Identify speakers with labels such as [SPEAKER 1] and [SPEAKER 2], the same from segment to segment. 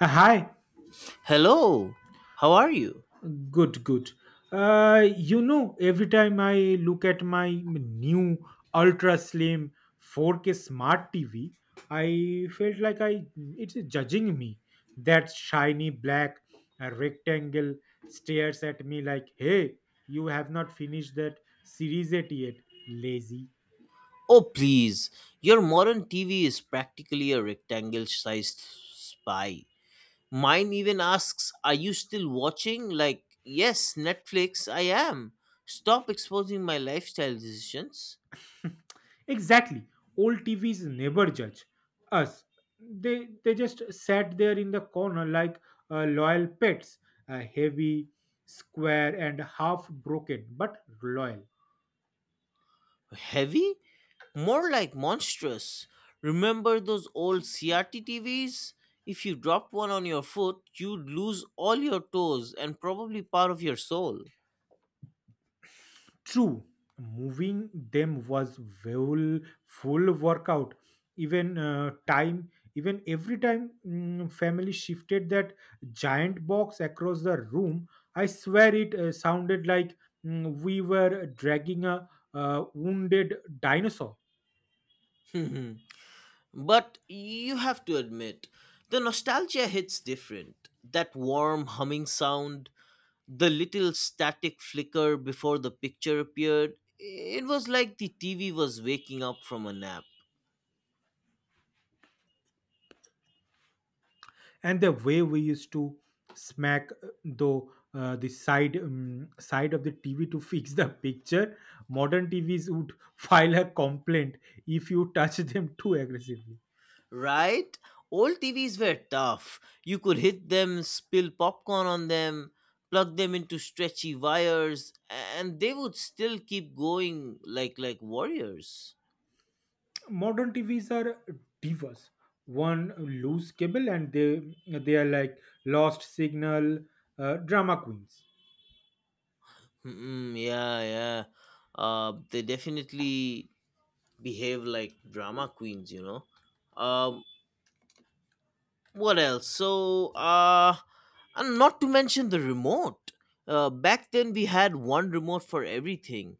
[SPEAKER 1] Hi,
[SPEAKER 2] Hello, how are you?
[SPEAKER 1] good, good. You know, every time I look at my new ultra slim 4K smart TV, I felt like I it's judging me. That shiny black rectangle stares at me like, "Hey, you have not finished that series 8 yet, lazy."
[SPEAKER 2] Oh, please, your modern TV is practically a rectangle sized spy. Mine even asks, Are you still watching? Like, yes, Netflix, I am. Stop exposing my lifestyle decisions.
[SPEAKER 1] Exactly. Old TVs never judge us. They just sat there in the corner like loyal pets, heavy, square, and half broken, but loyal.
[SPEAKER 2] Heavy? More like monstrous. Remember those old CRT TVs? If you dropped one on your foot, you'd lose all your toes and probably part of your soul.
[SPEAKER 1] True, moving them was full full workout. Even time, even Every time family shifted that giant box across the room, I swear it sounded like we were dragging a wounded dinosaur.
[SPEAKER 2] But you have to admit, the nostalgia hits different. That warm humming sound, the little static flicker before the picture appeared, it was like the TV was waking up from a nap,
[SPEAKER 1] And the way we used to smack though the side of the TV to fix the picture, modern TVs would file a complaint if you touch them too aggressively.
[SPEAKER 2] right? Old TVs were tough. You could hit them, spill popcorn on them, plug them into stretchy wires, and they would still keep going like warriors.
[SPEAKER 1] Modern TVs are diverse. One loose cable and they are like lost signal, drama queens.
[SPEAKER 2] Mm, yeah, yeah. They definitely behave like drama queens um what else? So, and not to mention the remote, back then we had one remote for everything,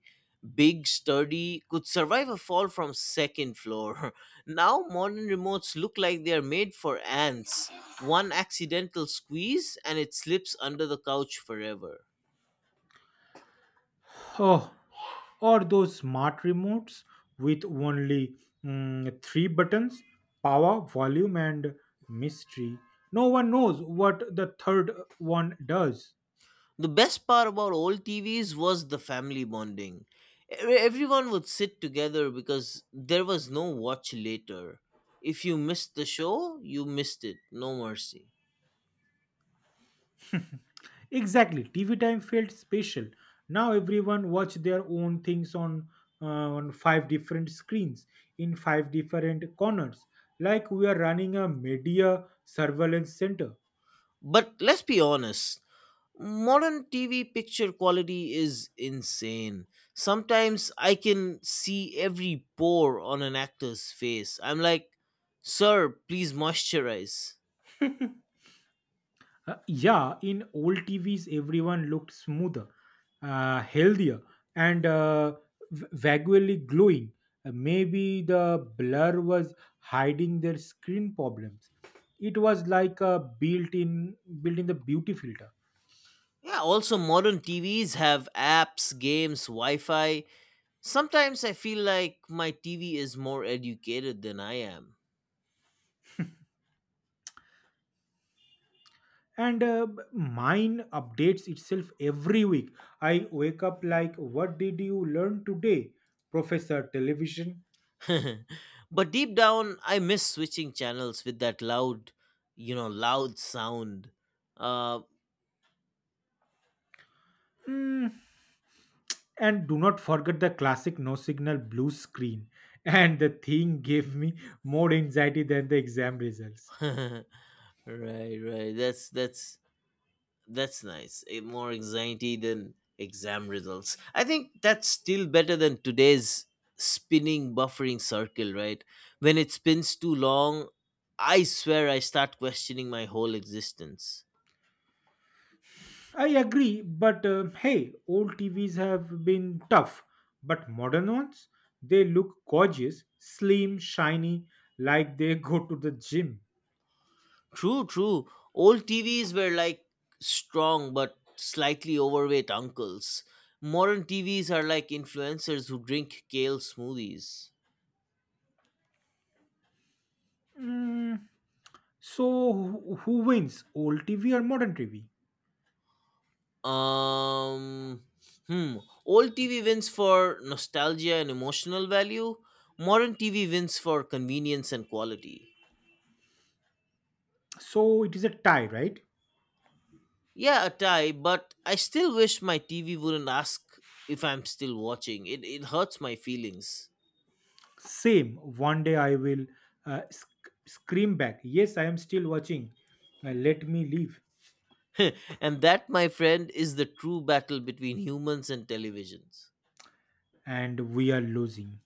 [SPEAKER 2] big sturdy, could survive a fall from second floor. Now modern remotes look like they are made for ants. One accidental squeeze and it slips under the couch forever.
[SPEAKER 1] Oh, or those smart remotes with only three buttons: power, volume, and mystery. No one knows what the third one does.
[SPEAKER 2] The best part about old TVs was the family bonding. Everyone would sit together because there was no watch later. If you missed the show, you missed it. No mercy.
[SPEAKER 1] Exactly, TV time felt special. Now everyone watch their own things on uh, on five different screens in five different corners, like we are running a media surveillance center.
[SPEAKER 2] But let's be honest, modern TV picture quality is insane. Sometimes I can see every pore on an actor's face. I'm like, sir, please moisturize.
[SPEAKER 1] Yeah, in old TVs, everyone looked smoother, healthier, and vaguely glowing. Maybe the blur was hiding their screen problems. It was like a built-in the beauty filter.
[SPEAKER 2] Yeah, also modern TVs have apps, games, Wi Fi. Sometimes I feel like my TV is more educated than I am.
[SPEAKER 1] And mine updates itself every week. I wake up like, "What did you learn today, Professor Television?"
[SPEAKER 2] But deep down, I miss switching channels with that loud, loud sound. Uh,
[SPEAKER 1] Mm, And do not forget the classic no signal blue screen. And the thing gave me more anxiety than the exam results.
[SPEAKER 2] right, right. That's nice. Eh, more anxiety than exam results. I think that's still better than today's spinning buffering circle. Right, when it spins too long, I swear I start questioning my whole existence.
[SPEAKER 1] I agree, but hey, old TVs have been tough, but modern ones, they look gorgeous, slim, shiny, like they go to the gym.
[SPEAKER 2] True, true. Old TVs were like strong but slightly overweight uncles. Modern TVs are like influencers who drink kale smoothies.
[SPEAKER 1] Mm, so, who wins, old TV or modern TV?
[SPEAKER 2] Um, hmm. Old TV wins for nostalgia and emotional value. Modern TV wins for convenience and quality.
[SPEAKER 1] So, it is a tie, right?
[SPEAKER 2] Yeah, a tie, but I still wish my TV wouldn't ask if I'm still watching. It hurts my feelings.
[SPEAKER 1] Same. One day I will uh, sc- scream back, "Yes, I am still watching. Let me leave."
[SPEAKER 2] And that, my friend, is the true battle between humans and televisions.
[SPEAKER 1] And we are losing.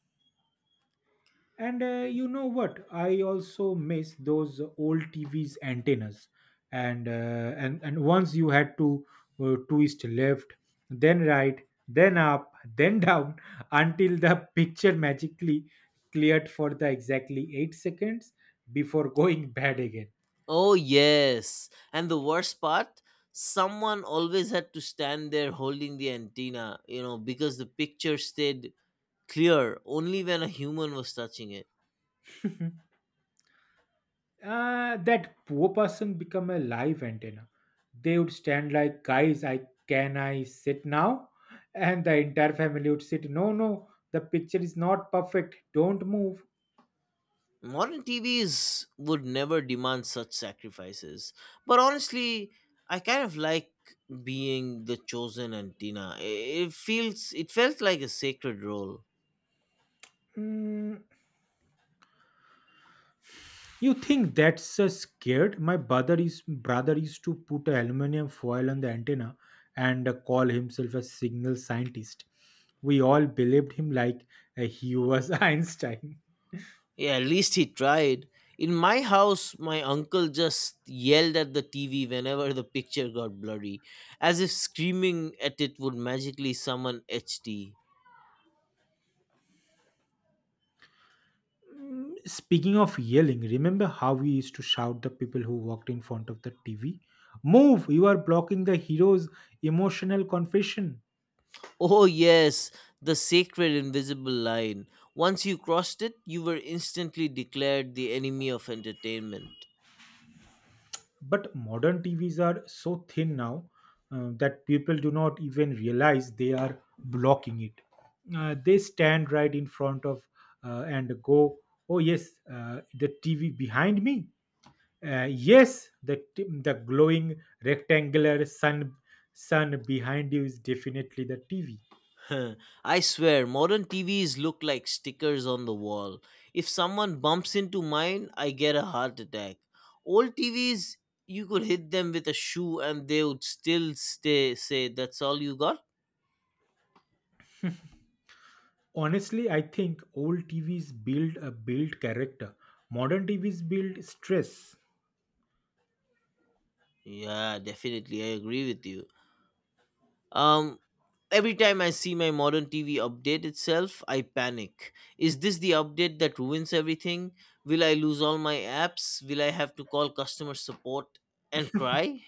[SPEAKER 1] And you know what? I also miss those old TV's antennas. And once you had to twist left, then right, then up, then down until the picture magically cleared for the exactly 8 seconds before going bad again.
[SPEAKER 2] Oh, yes. And the worst part, someone always had to stand there holding the antenna, because the picture stayed clear only when a human was touching it.
[SPEAKER 1] That poor person become a live antenna. They would stand like, "Guys, I can I sit now?" And the entire family would sit, "No, no, the picture is not perfect. Don't move."
[SPEAKER 2] Modern TVs would never demand such sacrifices. But honestly, I kind of like being the chosen antenna. It felt like a sacred role.
[SPEAKER 1] Mm, you think that's scared? My brother used to put a aluminium foil on the antenna and call himself a signal scientist. We all believed him like he was Einstein.
[SPEAKER 2] Yeah, at least he tried. In my house, my uncle just yelled at the TV whenever the picture got blurry, as if screaming at it would magically summon HD.
[SPEAKER 1] Speaking of yelling, remember how we used to shout the people who walked in front of the TV? Move! You are blocking the hero's emotional confession.
[SPEAKER 2] Oh, yes, the sacred invisible line. Once you crossed it, you were instantly declared the enemy of entertainment.
[SPEAKER 1] But modern TVs are so thin now that people do not even realize they are blocking it. They stand right in front of and go, "Oh, yes, the TV behind me. Yes, the glowing rectangular sun behind you is definitely the TV."
[SPEAKER 2] I swear, modern TVs look like stickers on the wall. If someone bumps into mine, I get a heart attack. Old TVs, you could hit them with a shoe and they would still stay say that's all you got?
[SPEAKER 1] Honestly, I think old TVs build character. Modern TVs build stress.
[SPEAKER 2] Yeah, definitely. I agree with you. Um every time I see my modern TV update itself, I panic. Is this the update that ruins everything? Will I lose all my apps? Will I have to call customer support and cry?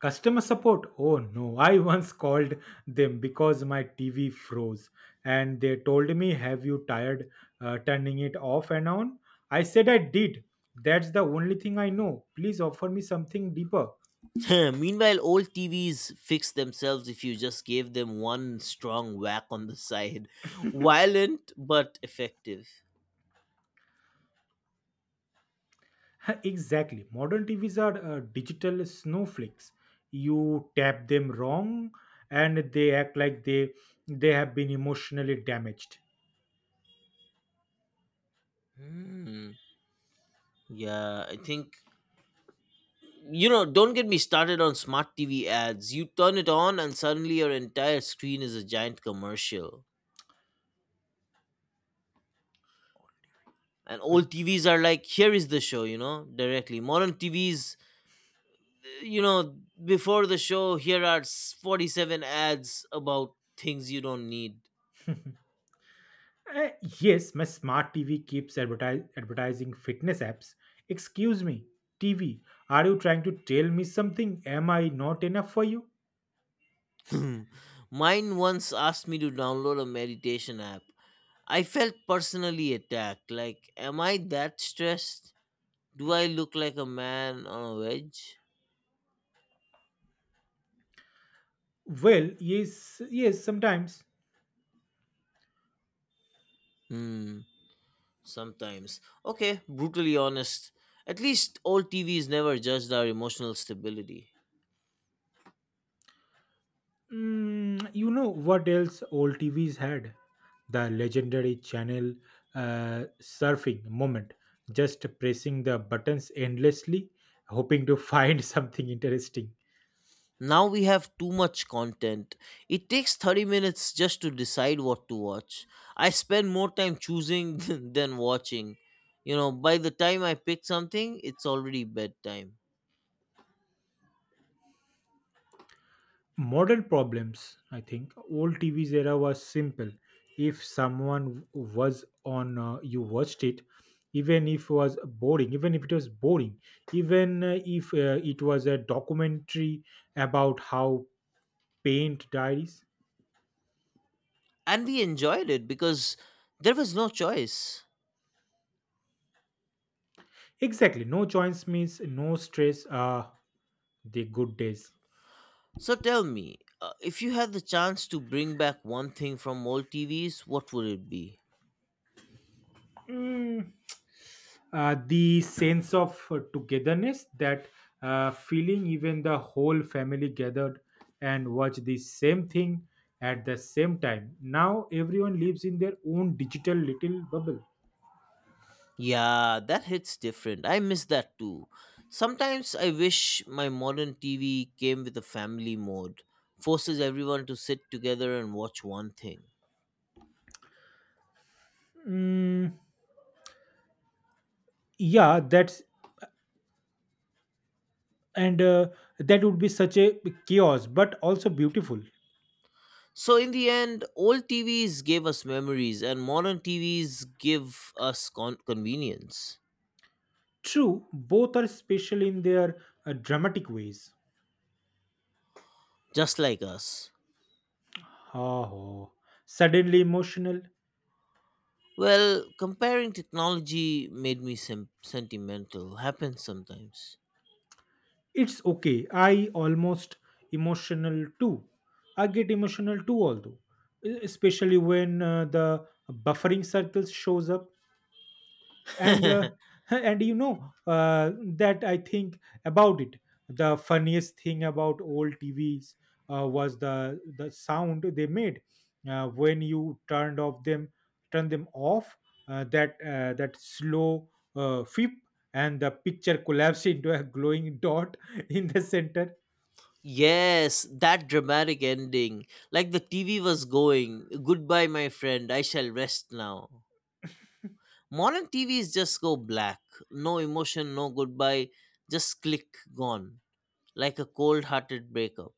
[SPEAKER 1] Customer support, oh no. I once called them because my TV froze and they told me, "Have you tired turning it off and on?" I said, "I did. That's the only thing I know. Please offer me something deeper."
[SPEAKER 2] Meanwhile, old TVs fix themselves if you just gave them one strong whack on the side. Violent but effective.
[SPEAKER 1] Exactly. Modern TVs are digital snowflakes. You tap them wrong, and they act like they have been emotionally damaged.
[SPEAKER 2] Hmm. Yeah, I think. Don't get me started on smart TV ads. You turn it on, and suddenly your entire screen is a giant commercial. And
[SPEAKER 1] Okay.
[SPEAKER 2] old TVs are like, here is the show, directly. Modern TVs, uh, you know, before the show, here are 47 ads about things you don't need.
[SPEAKER 1] Uh, yes, my smart TV keeps advertising fitness apps. Excuse me, TV, are you trying to tell me something? Am I not enough for you?
[SPEAKER 2] Mine once asked me to download a meditation app. I felt personally attacked. Like, am I that stressed? Do I look like a man on a wedge?
[SPEAKER 1] Well, yes, yes, sometimes.
[SPEAKER 2] Hmm, sometimes. Okay, brutally honest. At least old TVs never judged our emotional stability.
[SPEAKER 1] You know what else old TVs had? The legendary channel surfing moment, just pressing the buttons endlessly, hoping to find something interesting.
[SPEAKER 2] Now we have too much content. It takes 30 minutes just to decide what to watch. I spend more time choosing than watching. By the time I pick something, it's already bedtime.
[SPEAKER 1] Modern problems, I think. Old TV's era was simple. If someone was on, you watched it, even if it was boring, even if it was boring, even if it was a documentary about how paint dies.
[SPEAKER 2] And we enjoyed it because there was no choice.
[SPEAKER 1] Exactly. No joints means no stress. The good days.
[SPEAKER 2] So tell me, if you had the chance to bring back one thing from old TVs, what would it be?
[SPEAKER 1] Mm, the sense of togetherness, that feeling even the whole family gathered and watch the same thing at the same time. Now everyone lives in their own digital little bubble.
[SPEAKER 2] Yeah, that hits different. I miss that too. Sometimes I wish my modern TV came with a family mode, forces everyone to sit together and watch one thing.
[SPEAKER 1] Mm, yeah, and uh, that would be such a chaos, but also beautiful.
[SPEAKER 2] So, in the end, old TVs gave us memories, and modern TVs give us convenience,
[SPEAKER 1] True, both are special in their dramatic ways.
[SPEAKER 2] just like us.
[SPEAKER 1] Oh, suddenly emotional.
[SPEAKER 2] Well, comparing technology made me sentimental. Happens sometimes.
[SPEAKER 1] It's okay. I almost emotional too. I get emotional too, although especially when the buffering circles shows up. And and you know that I think about it, the funniest thing about old TVs was the sound they made when you turned off them turn them off, that that slow flip, and the picture collapsed into a glowing dot in the center.
[SPEAKER 2] Yes, that dramatic ending. Like the TV was going, goodbye, my friend, I shall rest now. Modern TVs just go black. No emotion, no goodbye, just click, gone. Like a cold hearted breakup.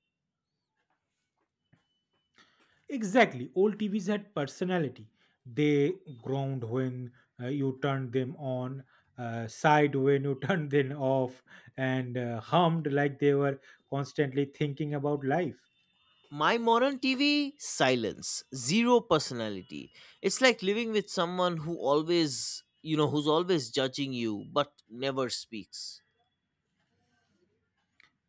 [SPEAKER 1] Exactly. Old TVs had personality. They groaned when you turned them on, sighed when you turned them off, and hummed like they were constantly thinking about life.
[SPEAKER 2] My modern TV, silence, zero personality. It's like living with someone who's always judging you but never speaks.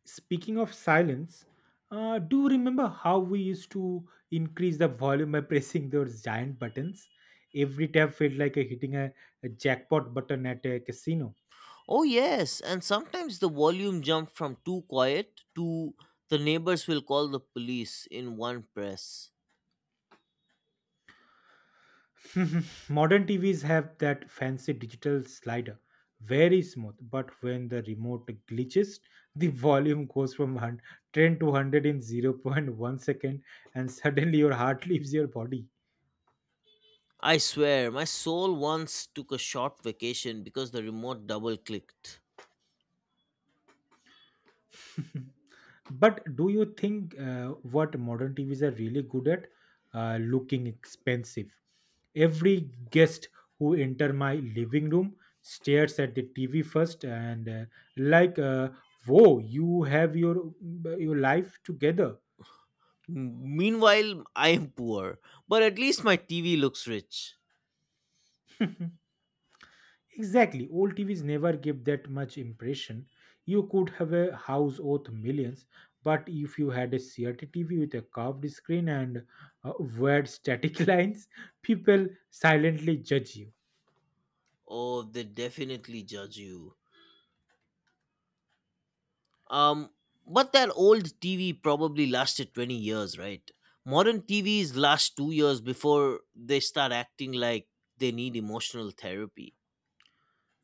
[SPEAKER 1] Speaking of silence, do you remember how we used to increase the volume by pressing those giant buttons? Every tap felt like a hitting a jackpot button at a casino.
[SPEAKER 2] Oh, yes, and sometimes the volume jumped from too quiet to the neighbors will call the police in one press.
[SPEAKER 1] Modern TVs have that fancy digital slider, very smooth, but when the remote glitches, the volume goes from 110 to 100 in zero point 0.1 second, and suddenly your heart leaves your body.
[SPEAKER 2] I swear, my soul once took a short vacation because the remote double clicked.
[SPEAKER 1] But do you think what modern TVs are really good at? Looking expensive. Every guest who enter my living room stares at the TV first and like, "Whoa, you have your life together."
[SPEAKER 2] Meanwhile, I am poor, but at least my TV looks rich.
[SPEAKER 1] Exactly. Old TVs never give that much impression. You could have a house worth millions, but if you had a CRT TV with a curved screen and weird static lines, people silently judge you.
[SPEAKER 2] Oh, they definitely judge you. Um, but that old TV probably lasted 20 years, right? Modern TVs last 2 years before they start acting like they need emotional therapy.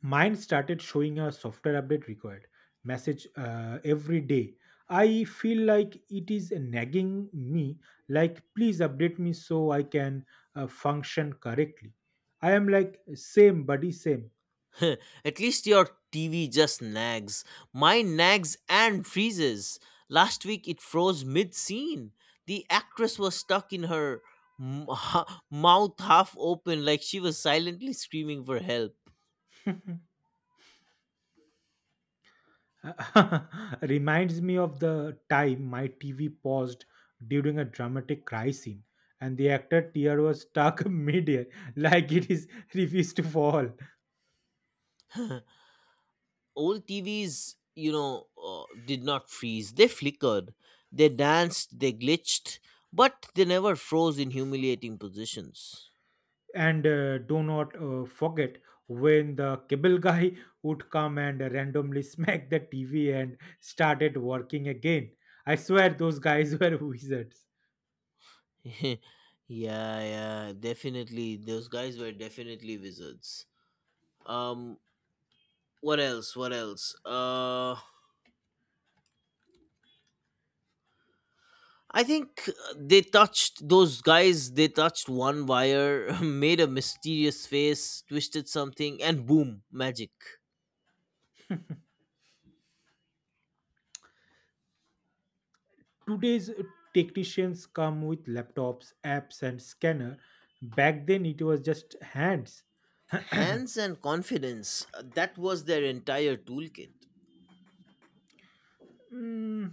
[SPEAKER 1] Mine started showing a software update required message every day. I feel like it is nagging me, like, please update me so I can function correctly. I am like, same, buddy, same.
[SPEAKER 2] At least your TV just nags. Mine nags and freezes. Last week it froze mid scene. The actress was stuck in her m- mouth half open, like she was silently screaming for help.
[SPEAKER 1] Reminds me of the time my TV paused during a dramatic cry scene and the actor tear was stuck midair like it is refused to fall.
[SPEAKER 2] Old TVs, did not freeze. They flickered, they danced, they glitched, but they never froze in humiliating positions.
[SPEAKER 1] And do not forget when the cable guy would come and randomly smack the TV and started working again. I swear those guys were wizards.
[SPEAKER 2] Yeah, yeah, definitely. Those guys were definitely wizards. Um, what else? What else? I think they touched those guys. They touched one wire, made a mysterious face, twisted something, and boom, magic.
[SPEAKER 1] Today's technicians come with laptops, apps, and scanner. Back then it was just hands.
[SPEAKER 2] Hands and confidence, that was their entire toolkit.
[SPEAKER 1] Mm,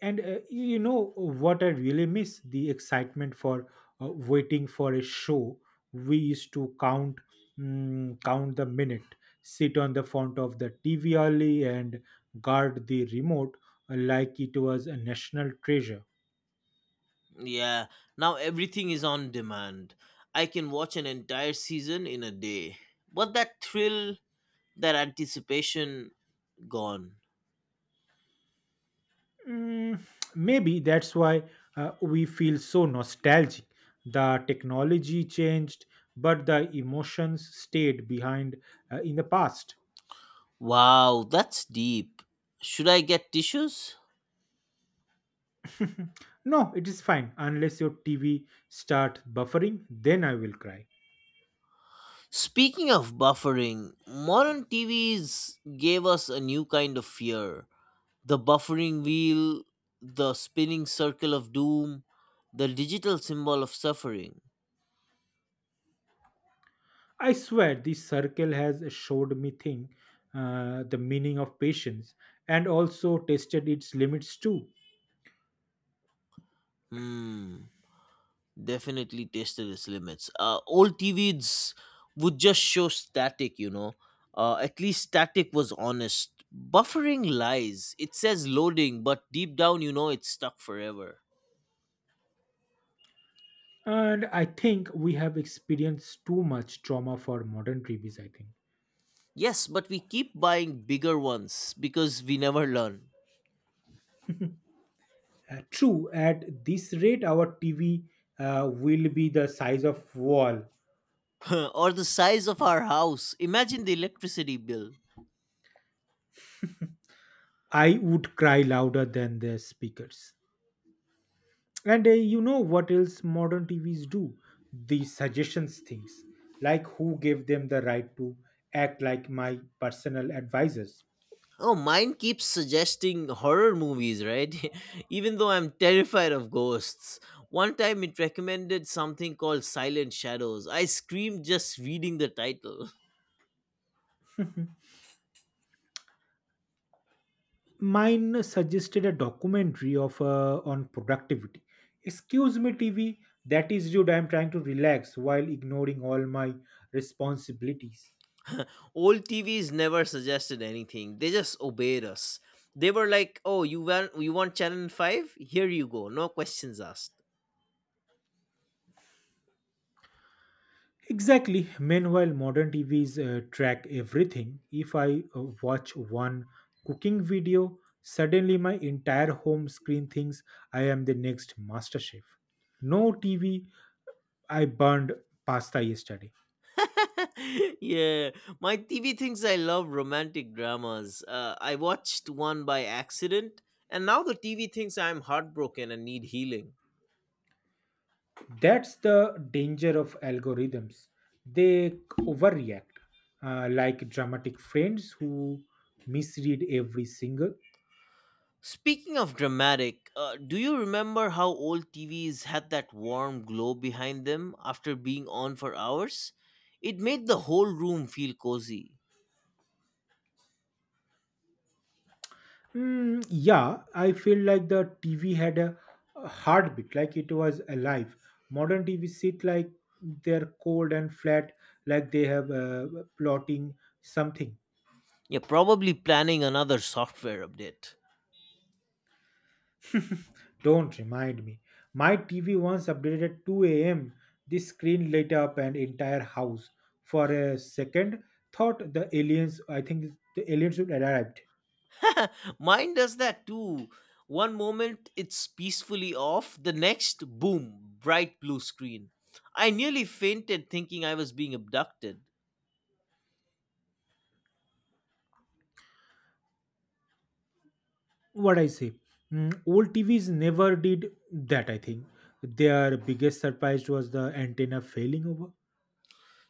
[SPEAKER 1] and you know what I really miss? The excitement for waiting for a show. We used to count the minute, sit on the front of the TV early, and guard the remote like it was a national treasure.
[SPEAKER 2] Yeah, now everything is on demand. I can watch an entire season in a day, but that thrill, that anticipation, gone.
[SPEAKER 1] Mm, Maybe that's why we feel so nostalgic. The technology changed, but the emotions stayed behind in the past.
[SPEAKER 2] Wow, that's deep. Should I get tissues?
[SPEAKER 1] No, it is fine unless your TV starts buffering, then I will cry.
[SPEAKER 2] Speaking of buffering, modern TVs gave us a new kind of fear: the buffering wheel, the spinning circle of doom, the digital symbol of suffering.
[SPEAKER 1] I swear this circle has showed me thing the meaning of patience and also tested its limits too.
[SPEAKER 2] Hmm. Definitely tested its limits. Old TVs would just show static. At least static was honest. Buffering lies. It says loading, but deep down, you know it's stuck forever.
[SPEAKER 1] And I think we have experienced too much trauma for modern TVs, I think.
[SPEAKER 2] Yes, but we keep buying bigger ones because we never learn.
[SPEAKER 1] True, at this rate our TV will be the size of wall.
[SPEAKER 2] Or the size of our house. Imagine the electricity bill.
[SPEAKER 1] I would cry louder than the speakers. And you know what else modern TVs do? The suggestions things, like who gave them the right to act like my personal advisors.
[SPEAKER 2] Oh, mine keeps suggesting horror movies, right? Even though I'm terrified of ghosts. One time it recommended something called Silent Shadows. I screamed just reading the title.
[SPEAKER 1] Mine suggested a documentary of on productivity. Excuse me, TV, that is rude. I'm trying to relax while ignoring all my responsibilities.
[SPEAKER 2] Old TVs never suggested anything, they just obeyed us. They were like, oh, you want channel 5? Here you go, no questions asked.
[SPEAKER 1] Exactly. Meanwhile, modern TVs track everything. If I watch one cooking video, suddenly my entire home screen thinks I am the next master chef. No TV, I burned pasta yesterday.
[SPEAKER 2] Yeah, my TV thinks I love romantic dramas. I watched one by accident, and now the TV thinks I'm heartbroken and need healing.
[SPEAKER 1] That's the danger of algorithms. They overreact, like dramatic friends who misread every single.
[SPEAKER 2] Speaking of dramatic, do you remember how old TVs had that warm glow behind them after being on for hours? It made the whole room feel cozy.
[SPEAKER 1] Yeah, I feel like the TV had a heartbeat, like it was alive. Modern TV sit like they're cold and flat, like they have plotting something.
[SPEAKER 2] Yeah, probably planning another software update.
[SPEAKER 1] Don't remind me. My TV once updated at 2 a.m. This screen lit up an entire house. For a second, thought the aliens. I think the aliens would arrived.
[SPEAKER 2] Mine does that too. One moment it's peacefully off, the next, boom, bright blue screen. I nearly fainted thinking I was being abducted.
[SPEAKER 1] What I say, old TVs never did that. I think their biggest surprise was the antenna failing over.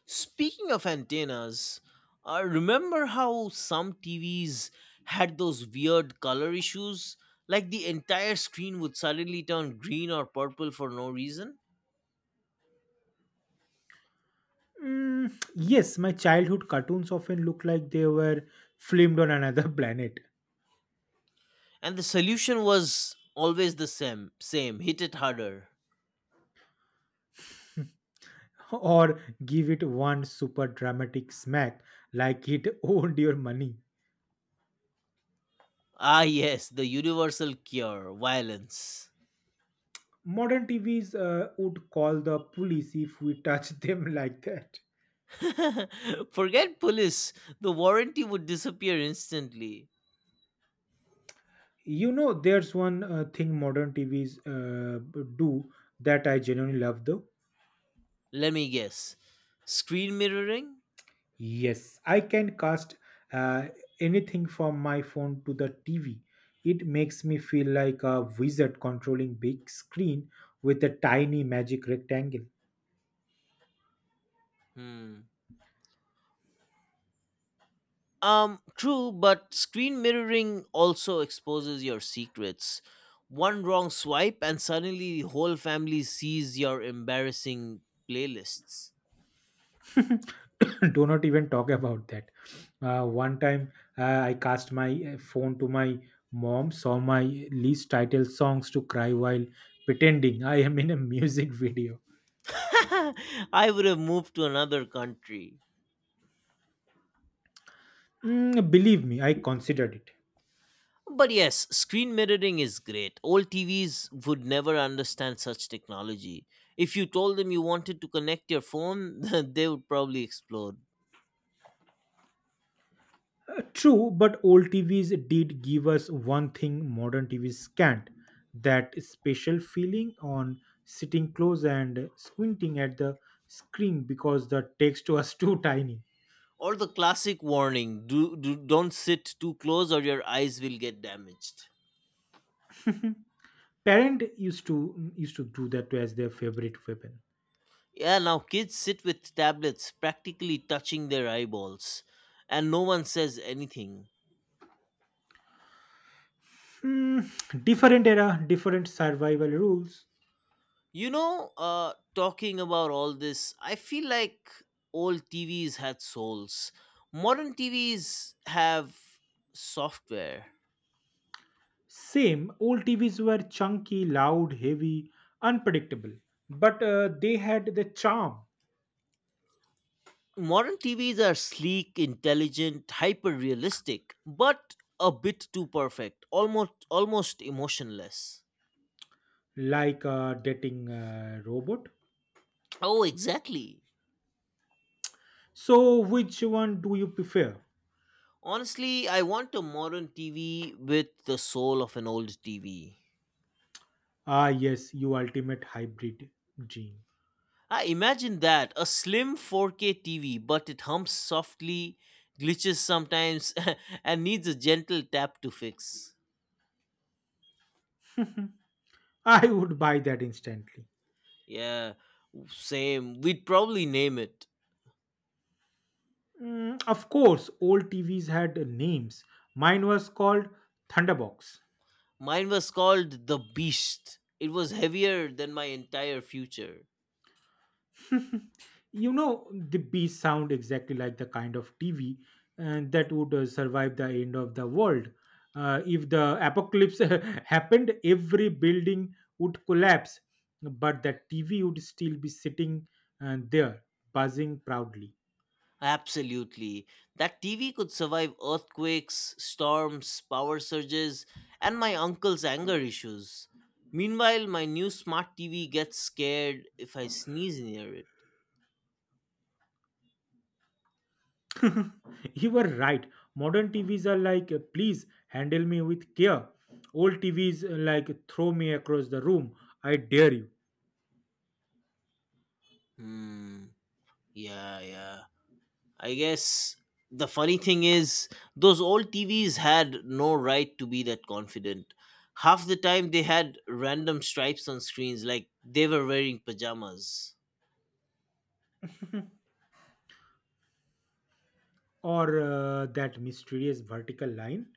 [SPEAKER 2] Speaking of antennas, remember how some TVs had those weird color issues? Like the entire screen would suddenly turn green or purple for no reason?
[SPEAKER 1] Yes, my childhood cartoons often look like they were filmed on another planet,
[SPEAKER 2] And the solution was always the same, hit it harder.
[SPEAKER 1] or give it one super dramatic smack like it owed your money.
[SPEAKER 2] Ah, yes, the universal cure violence.
[SPEAKER 1] Modern TVs would call the police if we touch them like that.
[SPEAKER 2] Forget police. The warranty would disappear instantly.
[SPEAKER 1] You know, there's one thing modern TVs do that I genuinely love though.
[SPEAKER 2] Let me guess. Screen mirroring?
[SPEAKER 1] Yes, I can cast uh, anything from my phone to the TV. It makes me feel like a wizard controlling big screen with a tiny magic rectangle.
[SPEAKER 2] Hmm. True, but screen mirroring also exposes your secrets. One wrong swipe, and suddenly the whole family sees your embarrassing playlists.
[SPEAKER 1] Do not even talk about that. One time I cast my phone to my mom, saw my least title songs to cry while pretending I am in a music video.
[SPEAKER 2] I would have moved to another country.
[SPEAKER 1] Believe me, I considered it.
[SPEAKER 2] But yes, screen mirroring is great. Old TVs would never understand such technology. If you told them you wanted to connect your phone, they would probably explode.
[SPEAKER 1] True, but old TVs did give us one thing modern TVs can't, that special feeling on sitting close and squinting at the screen because the text was too tiny.
[SPEAKER 2] Or the classic warning: don't sit too close or your eyes will get damaged.
[SPEAKER 1] Parent used to do that as their favorite weapon.
[SPEAKER 2] Yeah, now kids sit with tablets practically touching their eyeballs, and no one says anything.
[SPEAKER 1] Hmm, different era, different survival rules.
[SPEAKER 2] Talking about all this, I feel like old TVs had souls. Modern TVs have software.
[SPEAKER 1] Same, old TVs were chunky, loud, heavy, unpredictable, but they had the charm,
[SPEAKER 2] Modern TVs are sleek, intelligent, hyper realistic, but a bit too perfect, almost emotionless.
[SPEAKER 1] like a dating robot.
[SPEAKER 2] Oh, exactly.
[SPEAKER 1] So, which one do you prefer?
[SPEAKER 2] Honestly, I want a modern TV with the soul of an old TV.
[SPEAKER 1] Ah, yes, you ultimate hybrid dream.
[SPEAKER 2] I imagine that a slim 4K TV, but it hums softly, glitches sometimes, and needs a gentle tap to fix.
[SPEAKER 1] I would buy that instantly.
[SPEAKER 2] Yeah, same. We'd probably name it.
[SPEAKER 1] Of course, old TVs had names. Mine was called Thunderbox.
[SPEAKER 2] Mine was called The Beast. It was heavier than my entire future.
[SPEAKER 1] You know, the Beast sound exactly like the kind of TV and that would survive the end of the world. If the apocalypse happened, every building would collapse, but that TV would still be sitting there, buzzing proudly.
[SPEAKER 2] Absolutely. That TV could survive earthquakes, storms, power surges, and my uncle's anger issues. Meanwhile, my new smart TV gets scared if I sneeze near it.
[SPEAKER 1] You were right. Modern TVs are like, please handle me with care. Old TVs like, throw me across the room. I dare you.
[SPEAKER 2] Hmm. Yeah, yeah. I guess the funny thing is, those old TVs had no right to be that confident. Half the time, they had random stripes on screens, like they were wearing pajamas.
[SPEAKER 1] Or that mysterious vertical line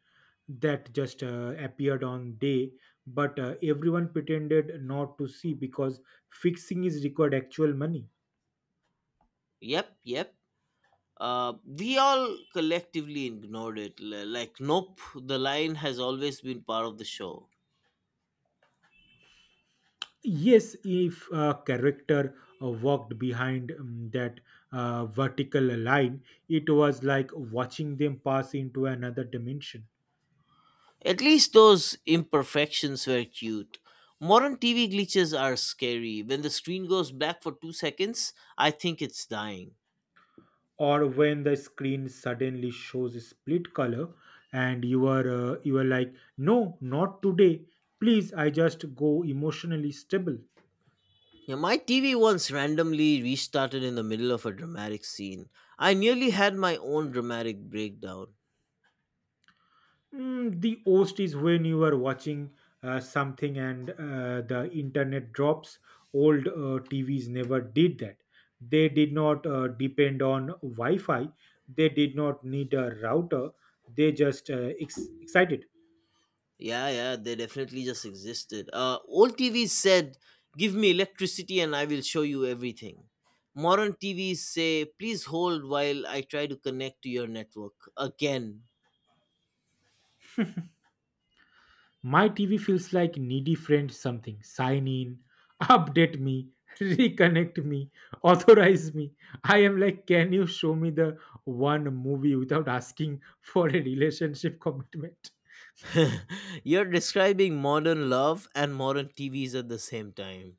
[SPEAKER 1] that just appeared on day, but everyone pretended not to see because fixing is required actual money.
[SPEAKER 2] Yep, yep. We all collectively ignored it. Like, nope, the line has always been part of the show.
[SPEAKER 1] Yes, if a character walked behind that vertical line, it was like watching them pass into another dimension.
[SPEAKER 2] At least those imperfections were cute. Modern TV glitches are scary. When the screen goes black for 2 seconds, I think it's dying.
[SPEAKER 1] Or when the screen suddenly shows a split color, and you are like, no, not today, please, I just go emotionally stable.
[SPEAKER 2] Yeah, my TV once randomly restarted in the middle of a dramatic scene. I nearly had my own dramatic breakdown.
[SPEAKER 1] The worst is when you are watching something and the internet drops. Old TVs never did that. They did not depend on Wi-Fi. They did not need a router. They just excited.
[SPEAKER 2] Yeah, yeah, they definitely just existed. Old TVs said, Give me electricity and I will show you everything. Modern TVs say, Please hold while I try to connect to your network. Again.
[SPEAKER 1] My TV feels like needy friend something. Sign in, update me, reconnect me, authorize me. I am like, can you show me the one movie without asking for a relationship commitment?
[SPEAKER 2] You're describing modern love and modern TVs at the same time.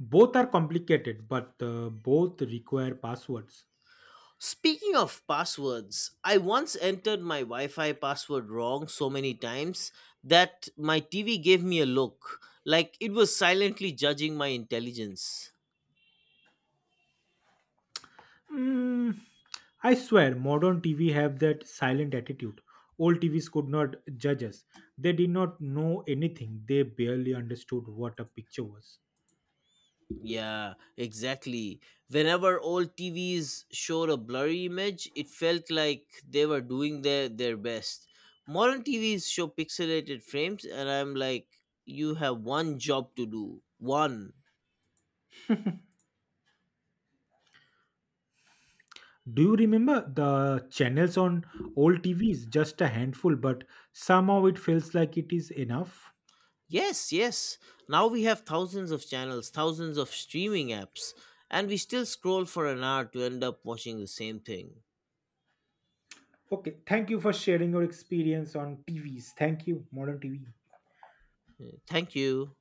[SPEAKER 1] Both are complicated, but both require passwords.
[SPEAKER 2] Speaking of passwords, I once entered my Wi Fi password wrong so many times that my TV gave me a look, like it was silently judging my intelligence.
[SPEAKER 1] Mm, I swear, modern TV have that silent attitude. Old TVs could not judge us. They did not know anything. They barely understood what a picture was.
[SPEAKER 2] Yeah, exactly. Whenever old TVs showed a blurry image, it felt like they were doing their best. Modern TVs show pixelated frames, and I'm like, you have one job to do. One.
[SPEAKER 1] Do you remember the channels on old TVs? Just a handful, but somehow it feels like it is enough.
[SPEAKER 2] Yes, yes. Now we have thousands of channels, thousands of streaming apps, and we still scroll for an hour to end up watching the same thing.
[SPEAKER 1] Okay, thank you for sharing your experience on TVs. Thank you, modern TV.
[SPEAKER 2] Thank you.